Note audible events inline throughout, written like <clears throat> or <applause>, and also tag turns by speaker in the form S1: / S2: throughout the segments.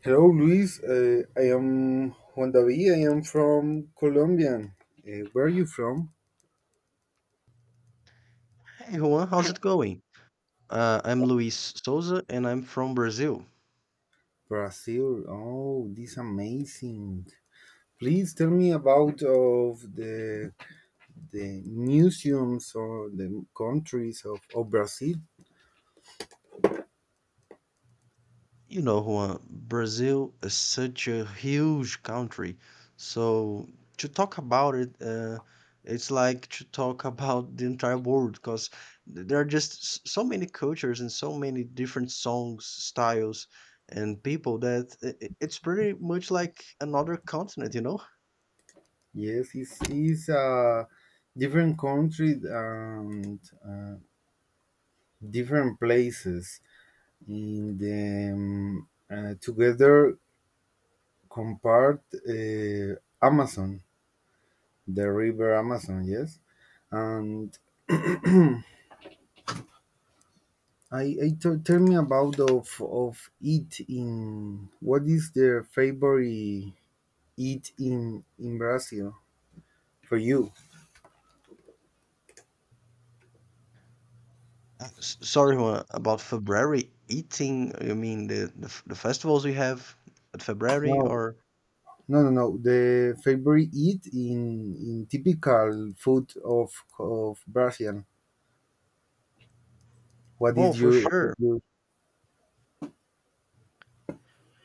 S1: Hello, Luis. I am Juan David. I am from Colombia. Where are you from?
S2: Hey Juan, how's it going? I'm Luis Souza and I'm from Brazil.
S1: Brazil. Oh, this amazing. Please tell me about of the museums or the countries of Brazil.
S2: You know, Juan, Brazil is such a huge country. So to talk about it, it's like to talk <laughs> about the entire world because there are just so many cultures and so many different songs, styles, and people that it's pretty much like another continent, you know?
S1: Yes, it's a different country and uh, different places in the together compared Amazon. The river Amazon, yes. And tell me about of it in what is their favorite eat in Brazil for you?
S2: Sorry Juan, about February eating. You mean the festivals we have at
S1: No,
S2: February or
S1: no. The favorite eat in typical food of Brazil. What
S2: oh
S1: is
S2: for sure.
S1: your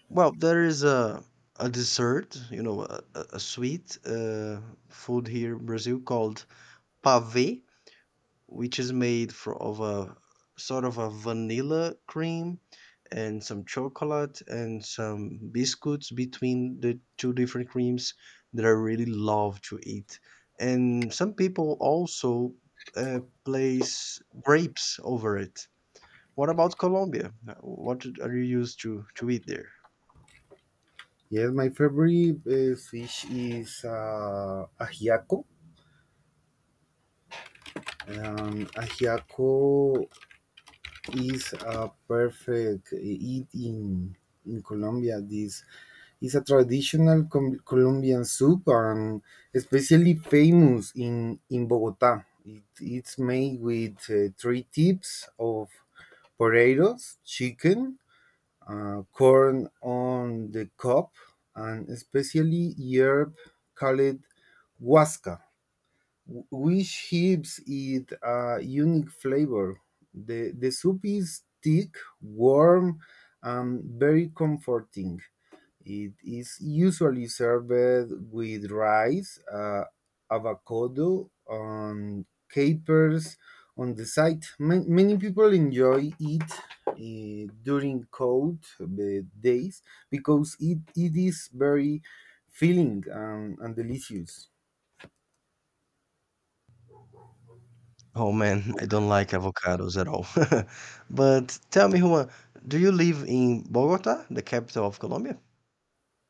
S2: Well, there is a dessert, you know, a sweet food here in Brazil called pavê, which is made for, of a sort of a vanilla cream and some chocolate and some biscuits between the two different creams that I really love to eat. And some people also place grapes over it. What about Colombia? Are you used to eat there?
S1: yes? My favorite fish is ajiaco. Ajiaco is a perfect eat in Colombia. This is a traditional Colombian soup and especially famous in Bogota. It's made with three types of potatoes, chicken, corn on the cob, and especially herb called huasca. Which gives it a unique flavor. The soup is thick, warm, and very comforting. It is usually served with rice, avocado, and capers on the side. Many people enjoy it during cold days because it is very filling and delicious.
S2: Oh man, I don't like avocados at all. <laughs> But tell me, Juan, do you live in Bogota, the capital of Colombia?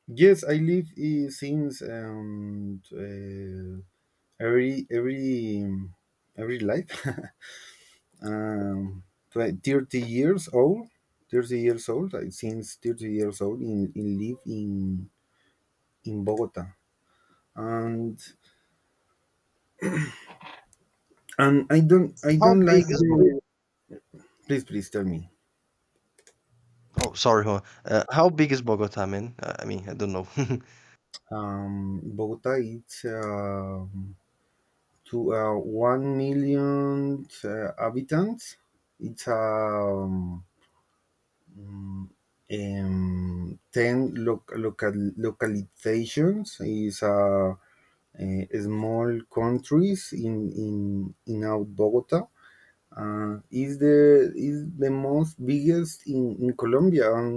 S1: Yes, I live I- since every every um, every life <laughs> um, 30 years old. 30 years old. I since 30 years old in live in Bogota, and and I don't I
S2: How
S1: don't
S2: big
S1: like
S2: is Bogota?
S1: the. Please please tell me.
S2: Oh, sorry, Juan. How big is Bogota, man? I mean, I don't know. <laughs>
S1: Bogota it's to 1 million habitants. It's 10 localizations is small countries in out Bogota. Is the most biggest in Colombia. And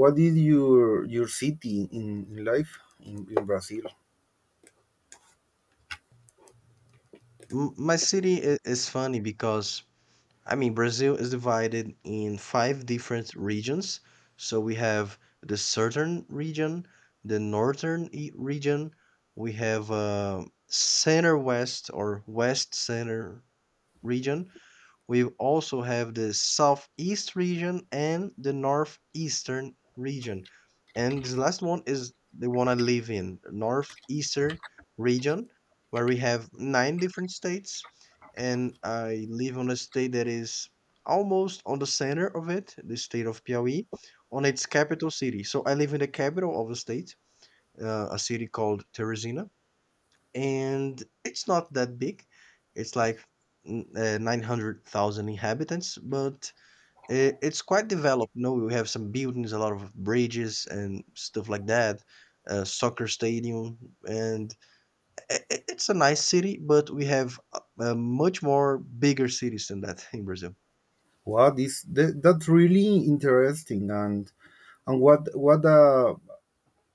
S1: what is your city in life in Brazil?
S2: My city is funny because, I mean, Brazil is divided in five different regions. So we have the southern region, the northern region, we have center west or west center region. We also have the southeast region and the northeastern region. And this last one is the one I live in, northeastern region, where we have nine different states. And I live on a state that is almost on the center of it, the state of Piauí, on its capital city. So I live in the capital of the state, a city called Teresina and it's not that big. It's like 900,000 inhabitants, but it's quite developed. You know, we have some buildings, a lot of bridges and stuff like that, a soccer stadium, and it's a nice city, but we have much more bigger cities than that in Brazil.
S1: What is that, that's really interesting and what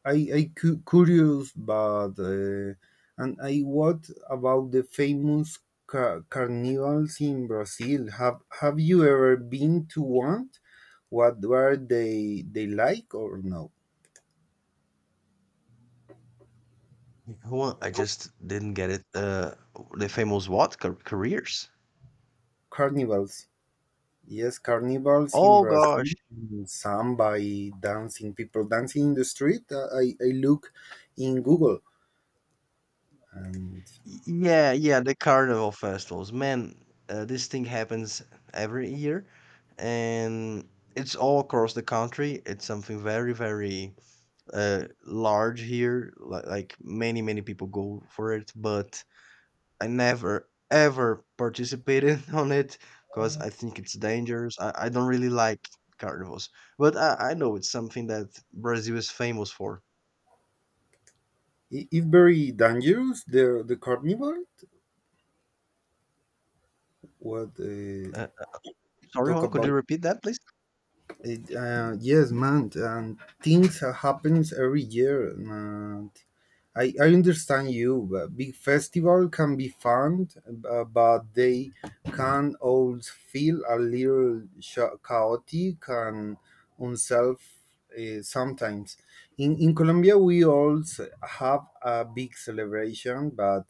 S1: I cu- curious, but and I what about the famous carnivals in Brazil? Have you ever been to one? What were they like or no?
S2: You know what? I just didn't get it. The famous what? Car careers?
S1: Carnivals, yes, carnivals in
S2: Oh gosh.
S1: Brazil, in samba, dancing, people dancing in the street. I look in Google and
S2: Yeah, yeah, the carnival festivals. Man, this thing happens every year and it's all across the country. It's something very, very large here. Like many, many people go for it, but I never ever participated <laughs> on it because I think it's dangerous. I don't really like carnivals, but I know it's something that Brazil is famous for.
S1: it very dangerous. The carnival. What
S2: Uh, Sorry,
S1: talk
S2: Juan, could
S1: about?
S2: you repeat that, please?
S1: It, yes, man, and things are happens every year, and I understand you. But big festival can be fun, but they can also feel a little chaotic and unself sometimes. In Colombia, we also have a big celebration, but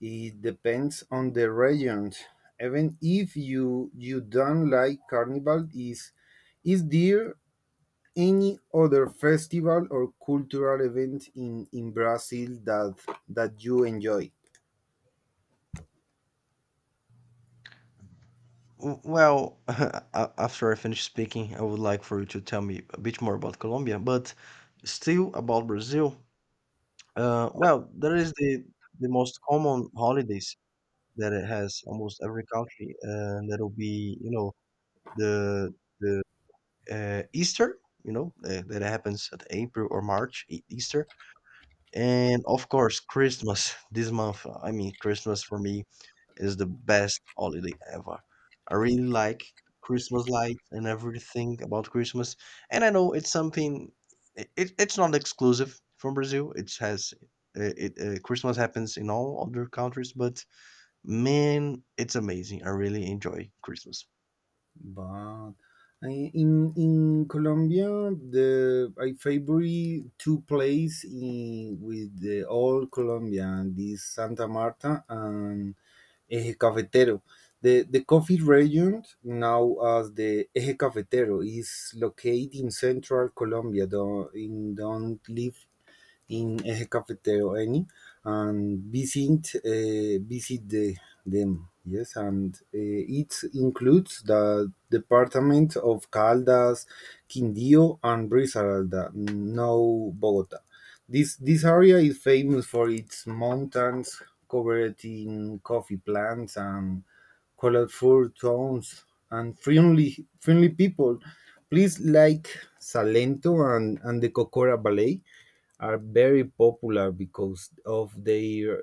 S1: it depends on the region. Even if you don't like carnival, is there any other festival or cultural event in Brazil that you enjoy?
S2: Well, <laughs> after I finish speaking, I would like for you to tell me a bit more about Colombia, but still about Brazil. Well, there is the most common holidays that it has almost every country, and that'll be you know the the Easter, you know, that happens at April or March, Easter. And of course, Christmas <laughs> this month. I mean, Christmas for me is the best holiday ever. I really like Christmas lights and everything about Christmas. And I know it's something, it's not exclusive from Brazil. It has, Christmas happens in all other countries, but man, it's amazing. I really enjoy Christmas.
S1: But in Colombia, the I favorite two places in with the all Colombia and this Santa Marta and Eje Cafetero. The coffee region, now as the Eje Cafetero, is located in central Colombia, though in don't live in Eje Cafetero any and visit visit them. Yes, and it includes the department of Caldas, Quindío, and Risaralda, now Bogota. This area is famous for its mountains covered in coffee plants and colorful towns and friendly people. Please like Salento and the Cocora Ballet are very popular because of their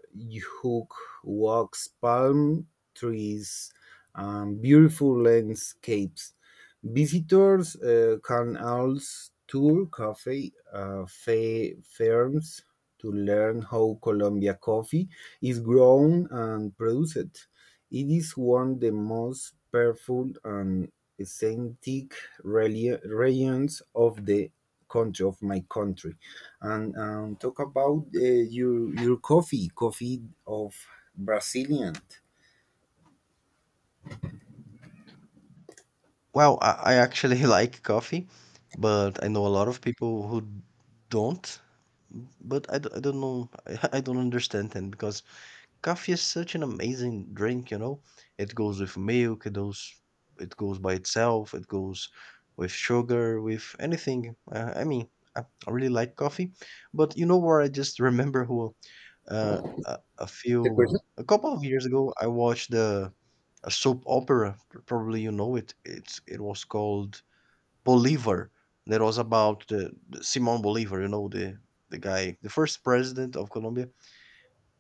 S1: hook walks, palm trees, and beautiful landscapes. Visitors can also tour coffee farms to learn how Colombia coffee is grown and produced. It is one of the most powerful and authentic regions of the country of my country and talk about your coffee coffee of brazilian.
S2: Well, I actually <laughs> like coffee, but I know a lot of people who don't. But I don't know. <laughs> I don't understand them because coffee is such an amazing drink, you know. It goes with milk, it goes by itself, it goes with sugar, with anything. I mean, I, I really like coffee, but you know where I just remember who
S1: The question?
S2: a couple of years ago I watched the a soap opera. Probably you know it. It was called Bolivar. That was about the Simon Bolivar, you know, the guy, the first president of Colombia,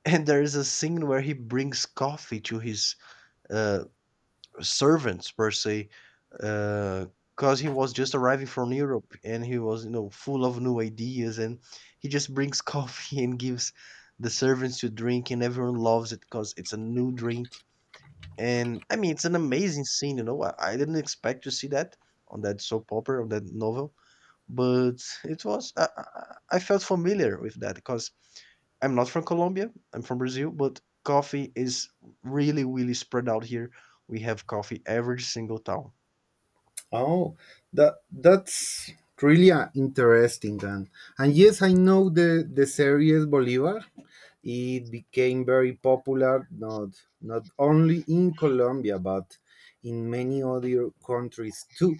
S2: and there is a scene where he brings coffee to his uh, servants per se because he was just arriving from Europe and he was, you know, full of new ideas, and he just brings coffee <laughs> and gives the servants to drink and everyone loves it because it's a new drink. And I mean it's an amazing scene. You know, I i, didn't expect to see that on that soap opera, on that novel, but it was I, I felt familiar with that because I'm not from Colombia. I'm from Brazil, but coffee is really, really spread out here. We have coffee every single town.
S1: Oh, that that's really interesting, and yes, I know the series Bolivar. It became very popular not only in Colombia but in many other countries too.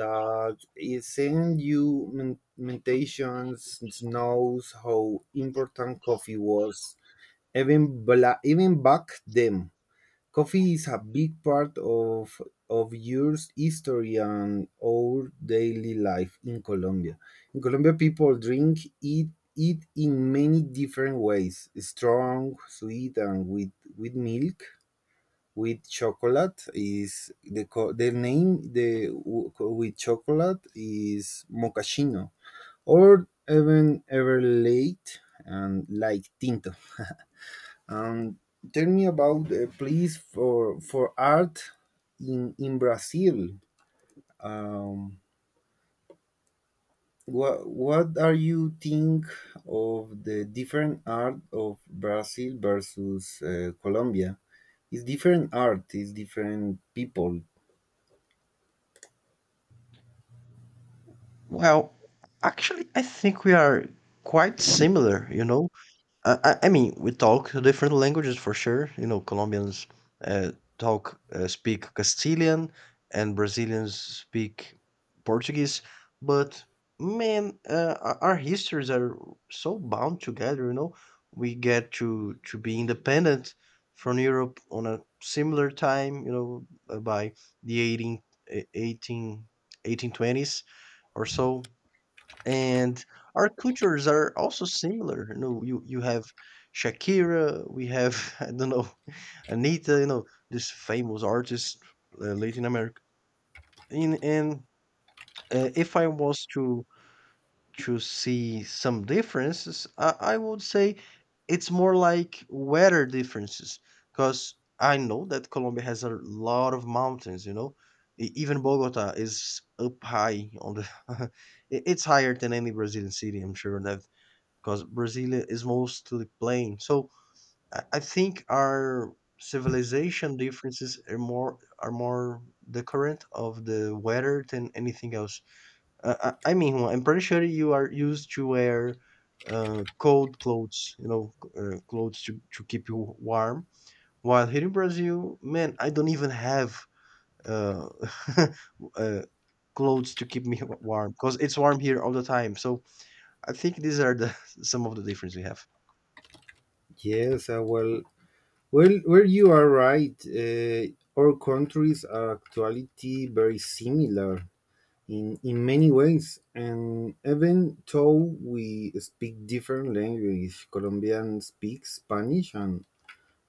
S1: That it send you meditations knows how important coffee was even back then. Coffee is a big part of your history and our daily life in Colombia. In Colombia, people drink it in many different ways: strong, sweet, and with milk. With chocolate is the name, the with chocolate is mocachino or even ever late and like tinto. <laughs> Um, tell me about a place for art in Brazil. Um, what are you think of the different art of Brazil versus Colombia? It's different art, it's different people.
S2: Well, actually, I think we are quite similar, you know. I mean, we talk different languages for sure. You know, Colombians uh, talk speak Castilian, and Brazilians speak Portuguese. But man, our histories are so bound together. You know, we get to be independent from Europe on a similar time. You know, by the 18, eh, 18, eighteen twenties or so, and our cultures are also similar. You know, you have Shakira, we have <laughs> I don't know, Anita. You know, this famous artist, Latin America. In and if I was to see some differences, I would say it's more like weather differences because I know that Colombia has a lot of mountains. You know, even Bogota is up high on the. <laughs> It's higher than any Brazilian city. I'm sure that because Brasilia is mostly plain. So I think our civilization differences are more the of the weather than anything else. I mean, Juan, I'm pretty sure you are used to wear cold clothes, you know, clothes to keep you warm. While here in Brazil, man, I don't even have uh, <laughs> uh, clothes to keep me warm because it's warm here all the time. So I think these are the <laughs> some of the differences we have.
S1: Yes, well, you are right. Our countries are actuality very similar in many ways, and even though we speak different language, Colombian speaks Spanish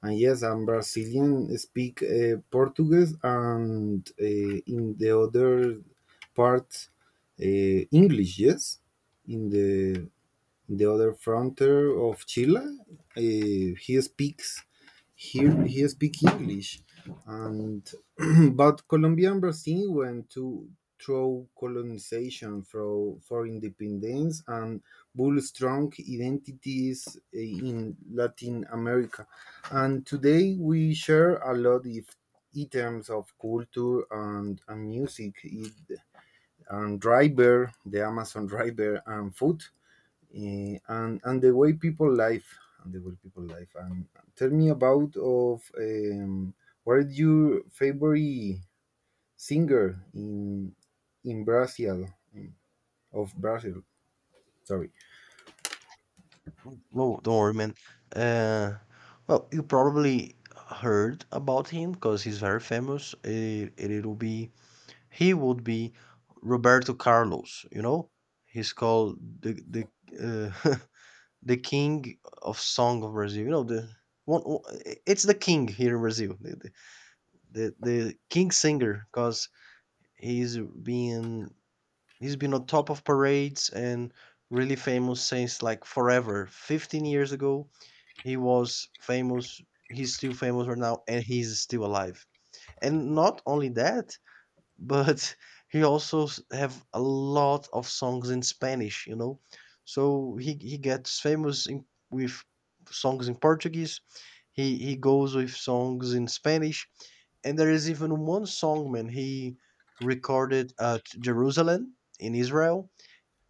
S1: and yes, and Brazilian speak Portuguese and in the other part uh, English, yes, in the other frontier of Chile. He speaks here he speaks English, and <clears throat> but Colombia and Brazil went to through colonization for independence and build strong identities in Latin America. And today we share a lot of items of culture and music, it, and river, the Amazon river, and food and the way people live and the way people live and tell me about of what is your favorite singer in Brazil of Brazil, sorry.
S2: No, don't worry, man. Uh, well, you probably heard about him because he's very famous. It'll be he would be Roberto Carlos. You know, he's called the <laughs> the king of song of Brazil. You know the one. It's the king here in Brazil. The, the king singer because he's been he's been on top of parades and really famous since like forever. 15 years ago, he was famous. He's still famous right now, and he's still alive. And not only that, but <laughs> he also have a lot of songs in Spanish, you know. So he gets famous in, with songs in Portuguese. He goes with songs in Spanish, and there is even one song, man. He recorded at Jerusalem in Israel,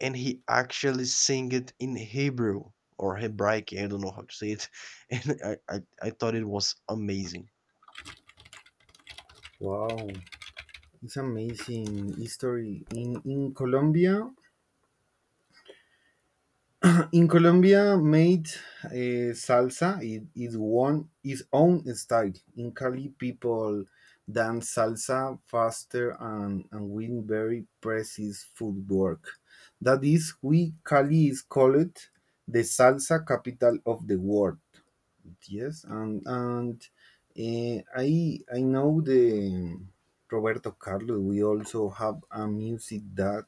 S2: and he actually sing it in Hebrew or Hebraic. I don't know how to say it, <laughs> and I thought it was amazing.
S1: Wow, it's amazing history in Colombia. <clears throat> In Colombia made salsa is one its own style. In Cali, people dance salsa faster and with very precise footwork. That is why Cali is called the salsa capital of the world. Yes, and I know the Roberto Carlos. We also have a music that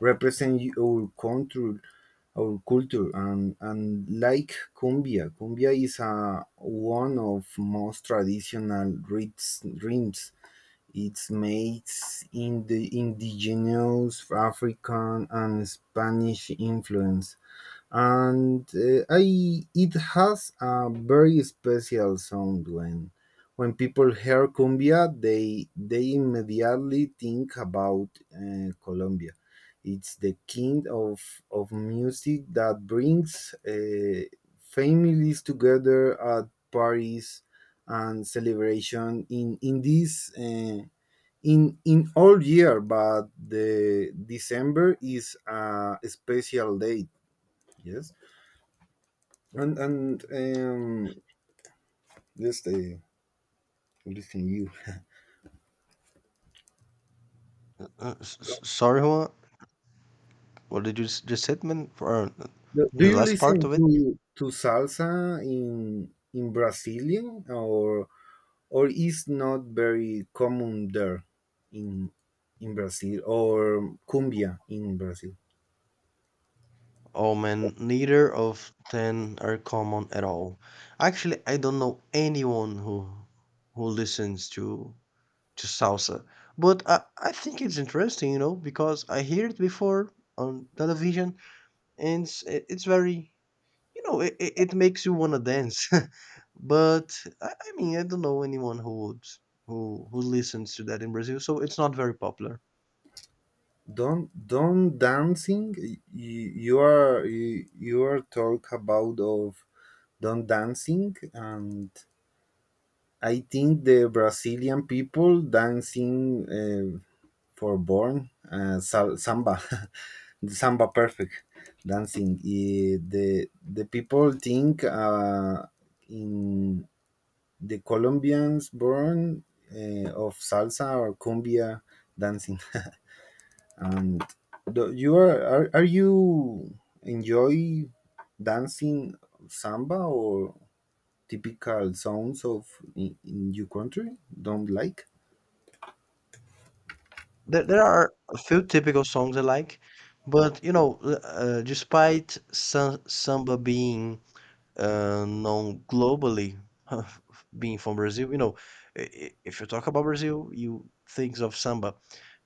S1: represents our country, our culture, and like cumbia. Cumbia is a one of most traditional rhythms. It's made in the indigenous African and Spanish influence and I it has a very special sound when people hear cumbia they immediately think about Colombia. It's the kind of music that brings families together at parties and celebration in this. In all year, but the December is a special date. Yes. And just listen you.
S2: Sorry, Juan, what did you just said, man? For
S1: Do do
S2: the
S1: you
S2: last
S1: listen
S2: part of it?
S1: to salsa in Brazilian or is not very common there in in Brazil or cumbia in Brazil?
S2: Oh man, neither of them are common at all. Actually, I don't know anyone who listens to salsa, but I think it's interesting, you know, because I hear it before on television, and it's very, you know, it makes you want to dance, <laughs> but I mean I don't know anyone who would who listens to that in Brazil, so it's not very popular.
S1: Don't dancing. You are talk about of don't dancing, and I think the Brazilian people dancing for born samba, <laughs> the samba perfect dancing. The people think in the Colombians born of salsa or cumbia dancing. <laughs> And do, you are you enjoy dancing samba or typical sounds of in your country? Don't like.
S2: There are a few typical songs I like, but you know despite samba being known globally, <laughs> being from Brazil, you know, if you talk about Brazil, you think of samba,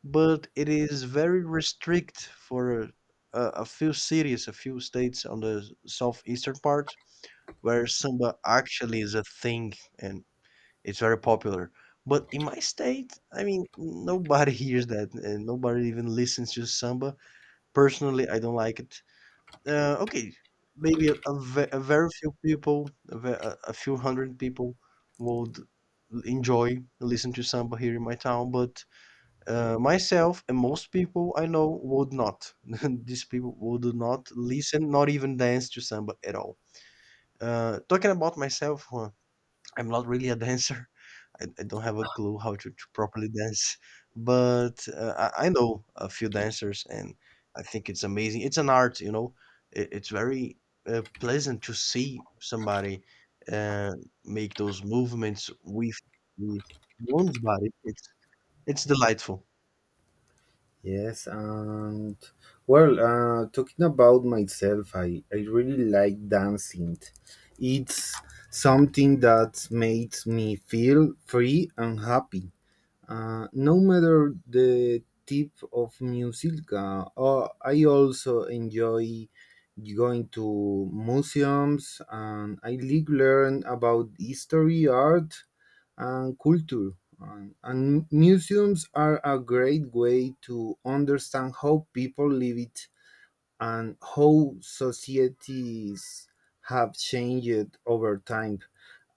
S2: but it is very restrict for a few cities, a few states on the southeastern part where samba actually is a thing, and it's very popular. But in my state, I mean, nobody <laughs> hears that and nobody even listens to samba. Personally, I don't like it. Okay, maybe a very few people, a, ve- a few hundred people would enjoy listen to samba here in my town, but myself and most people I know would not. <laughs> These people would not listen, not even dance to samba at all. Talking about myself, huh, I'm not really a <laughs> dancer. I don't have a clue how to properly dance, but I know a few dancers, and I think it's amazing. It's an art, you know. It's very pleasant to see somebody uh, make those movements with with one's body. It's delightful.
S1: Yes, and well, talking about myself, I really like dancing. It's something that makes me feel free and happy. No matter the type of music, I also enjoy going to museums and I like learn about history, art, and culture. And museums are a great way to understand how people lived and how societies have changed over time.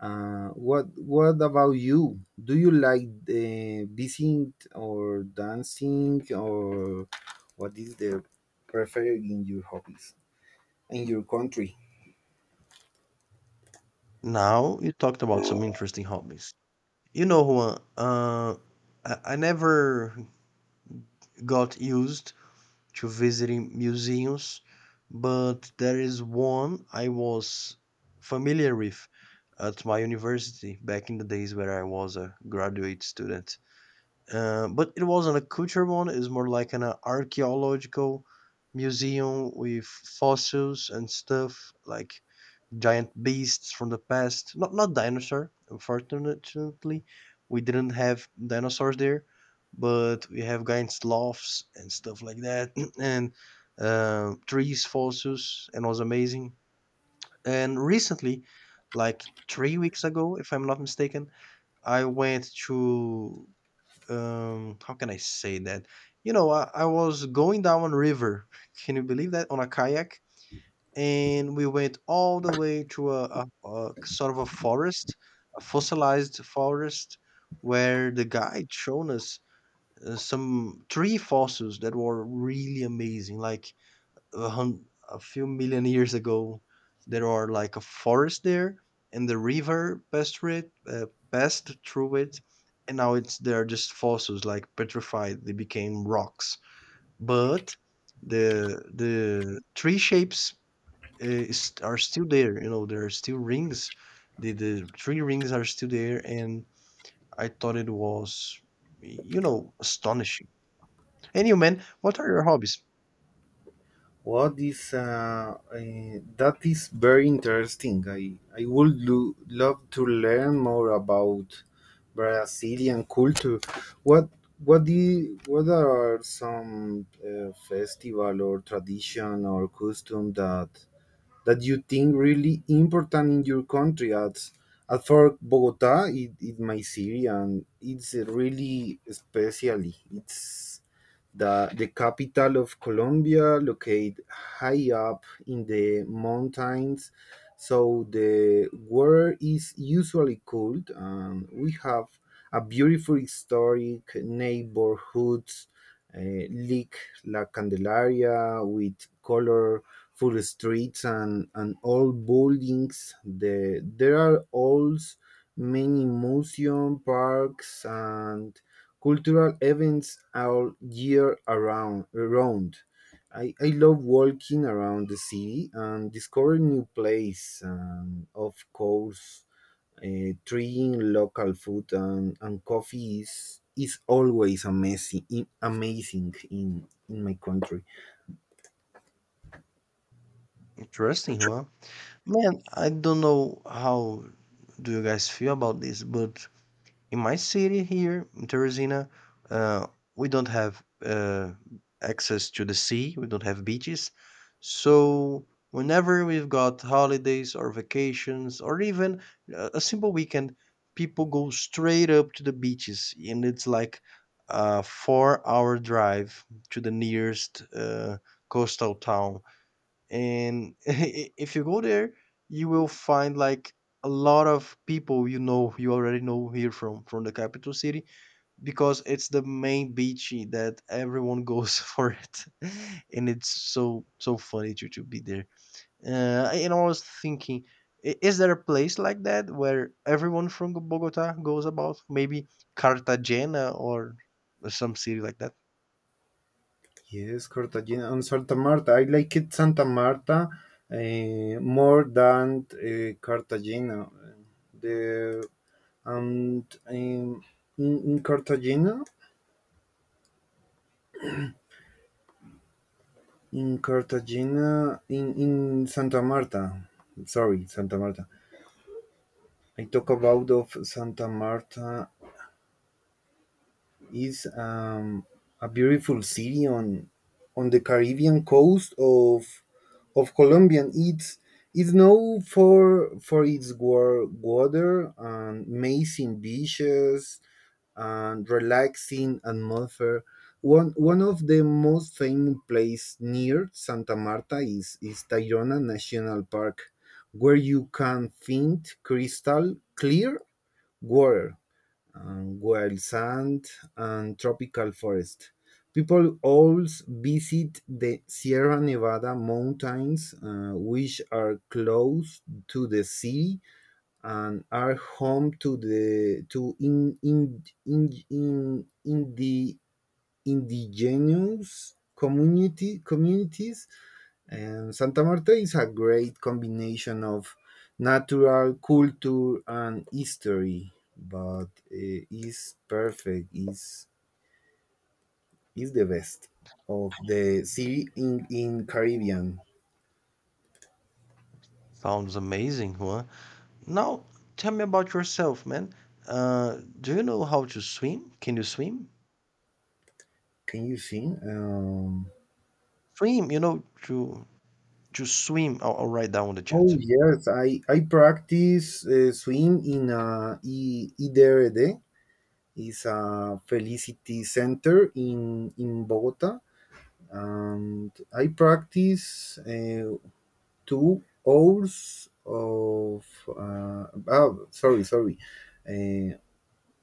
S1: What about you? Do you like the visiting or dancing or what is the preferred in your hobbies in your country?
S2: Now you talked about some interesting hobbies. You know, Juan, I never got used to visiting museums, but there is one I was familiar with at my university back in the days where I was a graduate student. But it wasn't a culture one. It's more like an archaeological museum with fossils and stuff like giant beasts from the past. Not dinosaur. Unfortunately, we didn't have dinosaurs there, but we have giant sloths and stuff like that, <clears throat> and trees, fossils, and it was amazing. And recently, like 3 weeks ago, if I'm not mistaken, I went to, how can I say that? I was going down a river. <laughs> Can you believe that? On a kayak? And we went all the way to a sort of a forest, a fossilized forest, where the guide shown us some tree fossils that were really amazing, like a few million years ago. There are like a forest there, and the river passed through it, and now it's they are just fossils, like petrified. They became rocks, but the tree shapes are still there. You know, there are still rings. The three rings are still there, and I thought it was, astonishing. Anyway, man, what are your hobbies?
S1: What is that is very interesting. I would love to learn more about Brazilian culture. What what do what are some festival or tradition or custom that you think really important in your country? As for Bogota, it my city and it's really especially it's the capital of Colombia, located high up in the mountains. So the weather is usually cold, and we have a beautiful historic neighborhoods like La Candelaria with colorful streets and old buildings. The, there are also many museum parks and cultural events all year around. I love walking around the city and discovering new places. And of course trying local food and coffee is always amazing, amazing in my country.
S2: Interesting, huh? Man, I don't know how do you guys feel about this, but in my city here, in Teresina, uh, we don't have access to the sea. We don't have beaches. So, whenever we've got holidays or vacations or even a simple weekend, people go straight up to the beaches, and it's like a 4 hour drive to the nearest coastal town, and <laughs> if you go there you will find like a lot of people, you know, you already know here from the capital city, because it's the main beach that everyone goes <laughs> for it. And it's so funny to be there, and I was thinking, is there a place like that where everyone from Bogota goes, about maybe Cartagena or some city like that?
S1: Yes, Cartagena and Santa Marta. I like it Santa Marta more than Cartagena. The and in Cartagena, in Cartagena, in Santa Marta. Sorry, Santa Marta. I talk about of Santa Marta. It's a beautiful city on the Caribbean coast of Colombia. And it's known for its water and amazing beaches and relaxing atmosphere. One of the most famous place near Santa Marta is Tayrona National Park, where you can find crystal clear water and wild sand and tropical forest. People always visit the Sierra Nevada mountains, which are close to the sea and are home to the to in the indigenous community communities, and Santa Marta is a great combination of natural culture and history, but is perfect. Is the best of the city in Caribbean.
S2: Sounds amazing, huh? Now, tell me about yourself, man. Do you know how to swim? Can you swim?
S1: Can you sing?
S2: Swim, you know, to swim. I'll write down on the
S1: Oh
S2: chat.
S1: yes, I practice swim in IDRD. It's a Felicity Center in Bogota, and I practice 2 hours of uh,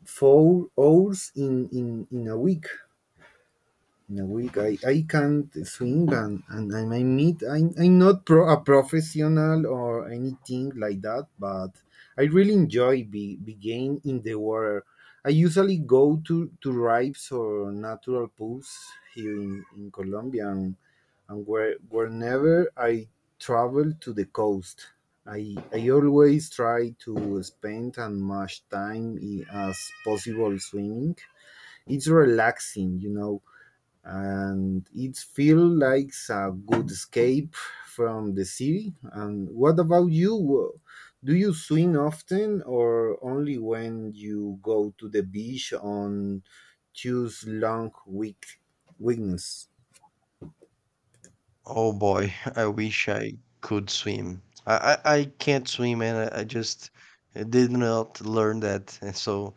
S1: 4 hours in a week. In a week, I can't swing and I might meet, I'm not a professional or anything like that, but I really enjoy being in the water. I usually go to rives or natural pools here in Colombia and where, whenever I travel to the coast, I always try to spend as much time as possible swimming. It's relaxing, you know, and it feels like a good escape from the city. And what about you? Do you swim often or only when you go to the beach on Tuesday long week weekends?
S2: Oh boy, <laughs> I wish I could swim. I can't swim, and I just did not learn that. And so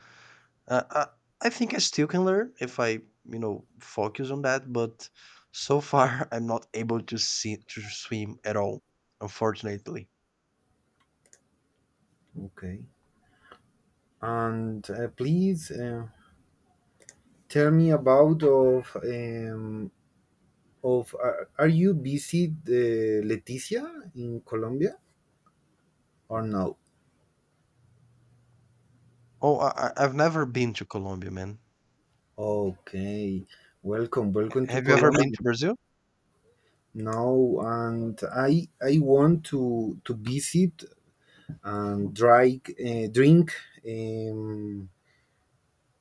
S2: uh, I I think I still can learn if I, you know, focus on that. But so far, <laughs> I'm not able to see to swim at all, unfortunately.
S1: Okay. And please tell me about of are you busy Leticia in Colombia or no?
S2: Oh, I've never been to Colombia, man.
S1: Okay, welcome, welcome to
S2: Have you ever been
S1: Colombia.
S2: to Brazil?
S1: Now, and I want to visit and dry, drink. Um,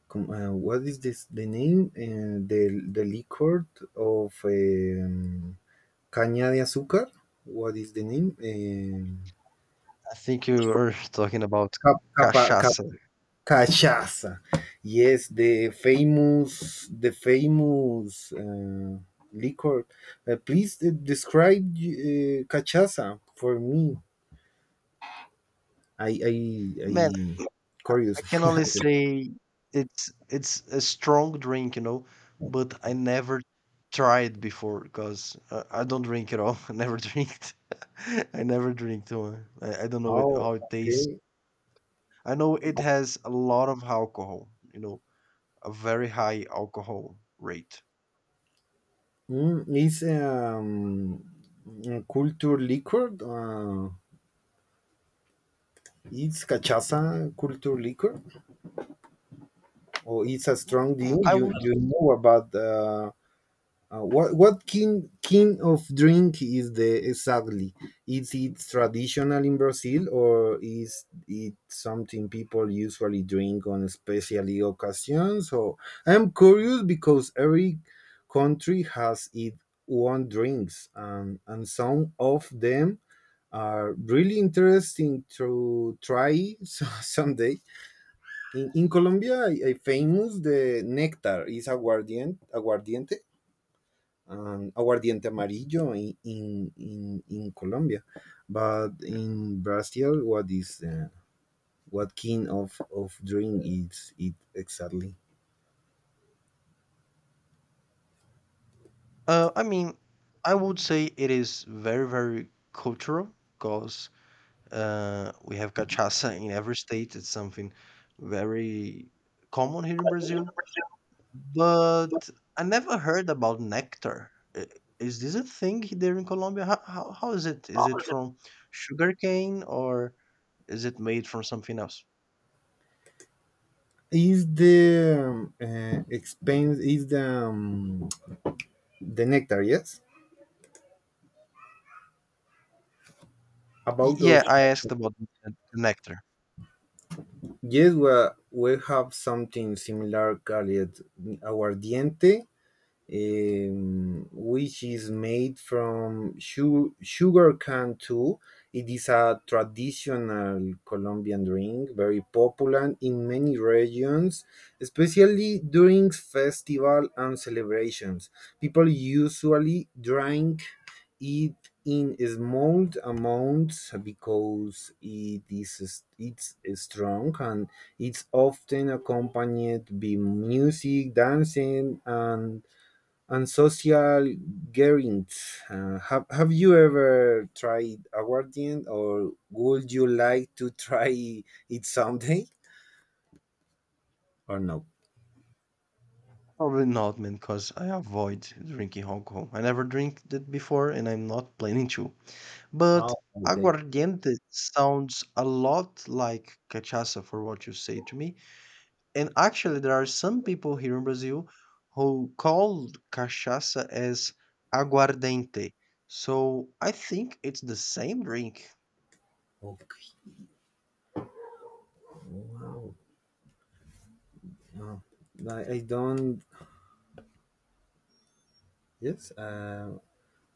S1: what is this the name? The liquor of caña de azúcar. What is the name?
S2: I think you were <laughs> talking about
S1: Cap- capa- ca-
S2: cachaça.
S1: cachaça. Yes, the famous liquor. Please describe cachaça for me. I, I,
S2: Man,
S1: I
S2: I
S1: curious.
S2: can
S1: <laughs>
S2: only say it's a strong drink, you know, but I never tried before because I don't drink at all. <laughs> I never drinked. <laughs> I never drink one. I don't know it,
S1: Oh,
S2: how it tastes.
S1: okay.
S2: I know it has a lot of alcohol, you know, a very high alcohol rate.
S1: It's a culture liquor. It's cachaça culture liquor, or it's a strong
S2: Mm,
S1: drink.
S2: I
S1: You
S2: would,
S1: you know about What king of drink is the exactly? Is it traditional in Brazil, or is it something people usually drink on special occasions? So I'm curious because every country has its own drinks, and some of them are really interesting to try <laughs> so, someday. In Colombia, I famous the nectar is aguardiente, aguardiente and aguardiente amarillo in Colombia, but in Brazil, what is what kind of drink is it exactly?
S2: I mean, I would say it is very, very cultural because we have cachaça in every state. It's something very common here in Brazil. But I never heard about nectar. I- is this a thing there in Colombia? How is it? Is it from sugarcane or is it made from something else?
S1: Is the expense is the nectar? Yes,
S2: Y-
S1: about
S2: yeah,
S1: of
S2: I asked about the nectar.
S1: yes. We have something similar called aguardiente which is made from sugar cane too. It is a traditional Colombian drink, very popular in many regions, especially during festival and celebrations. People usually drink it in small amounts because it's strong and it's often accompanied by music, dancing, and social gatherings. Have you ever tried aguardiente, or would you like to try it someday, or no?
S2: Probably not, man, because I avoid drinking alcohol. I never drink it before and I'm not planning to. But
S1: Oh,
S2: aguardiente sounds a lot like cachaça for what you say to me. And actually, there are some people here in Brazil who call cachaça as aguardente. So I think it's the same drink.
S1: okay. Wow. Oh, I don't. Yes.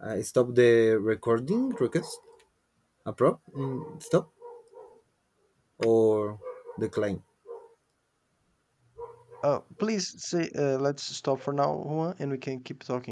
S1: I stop the recording request. Approve. Mm, stop or decline.
S2: Please say, let's stop for now, Juan, and we can keep talking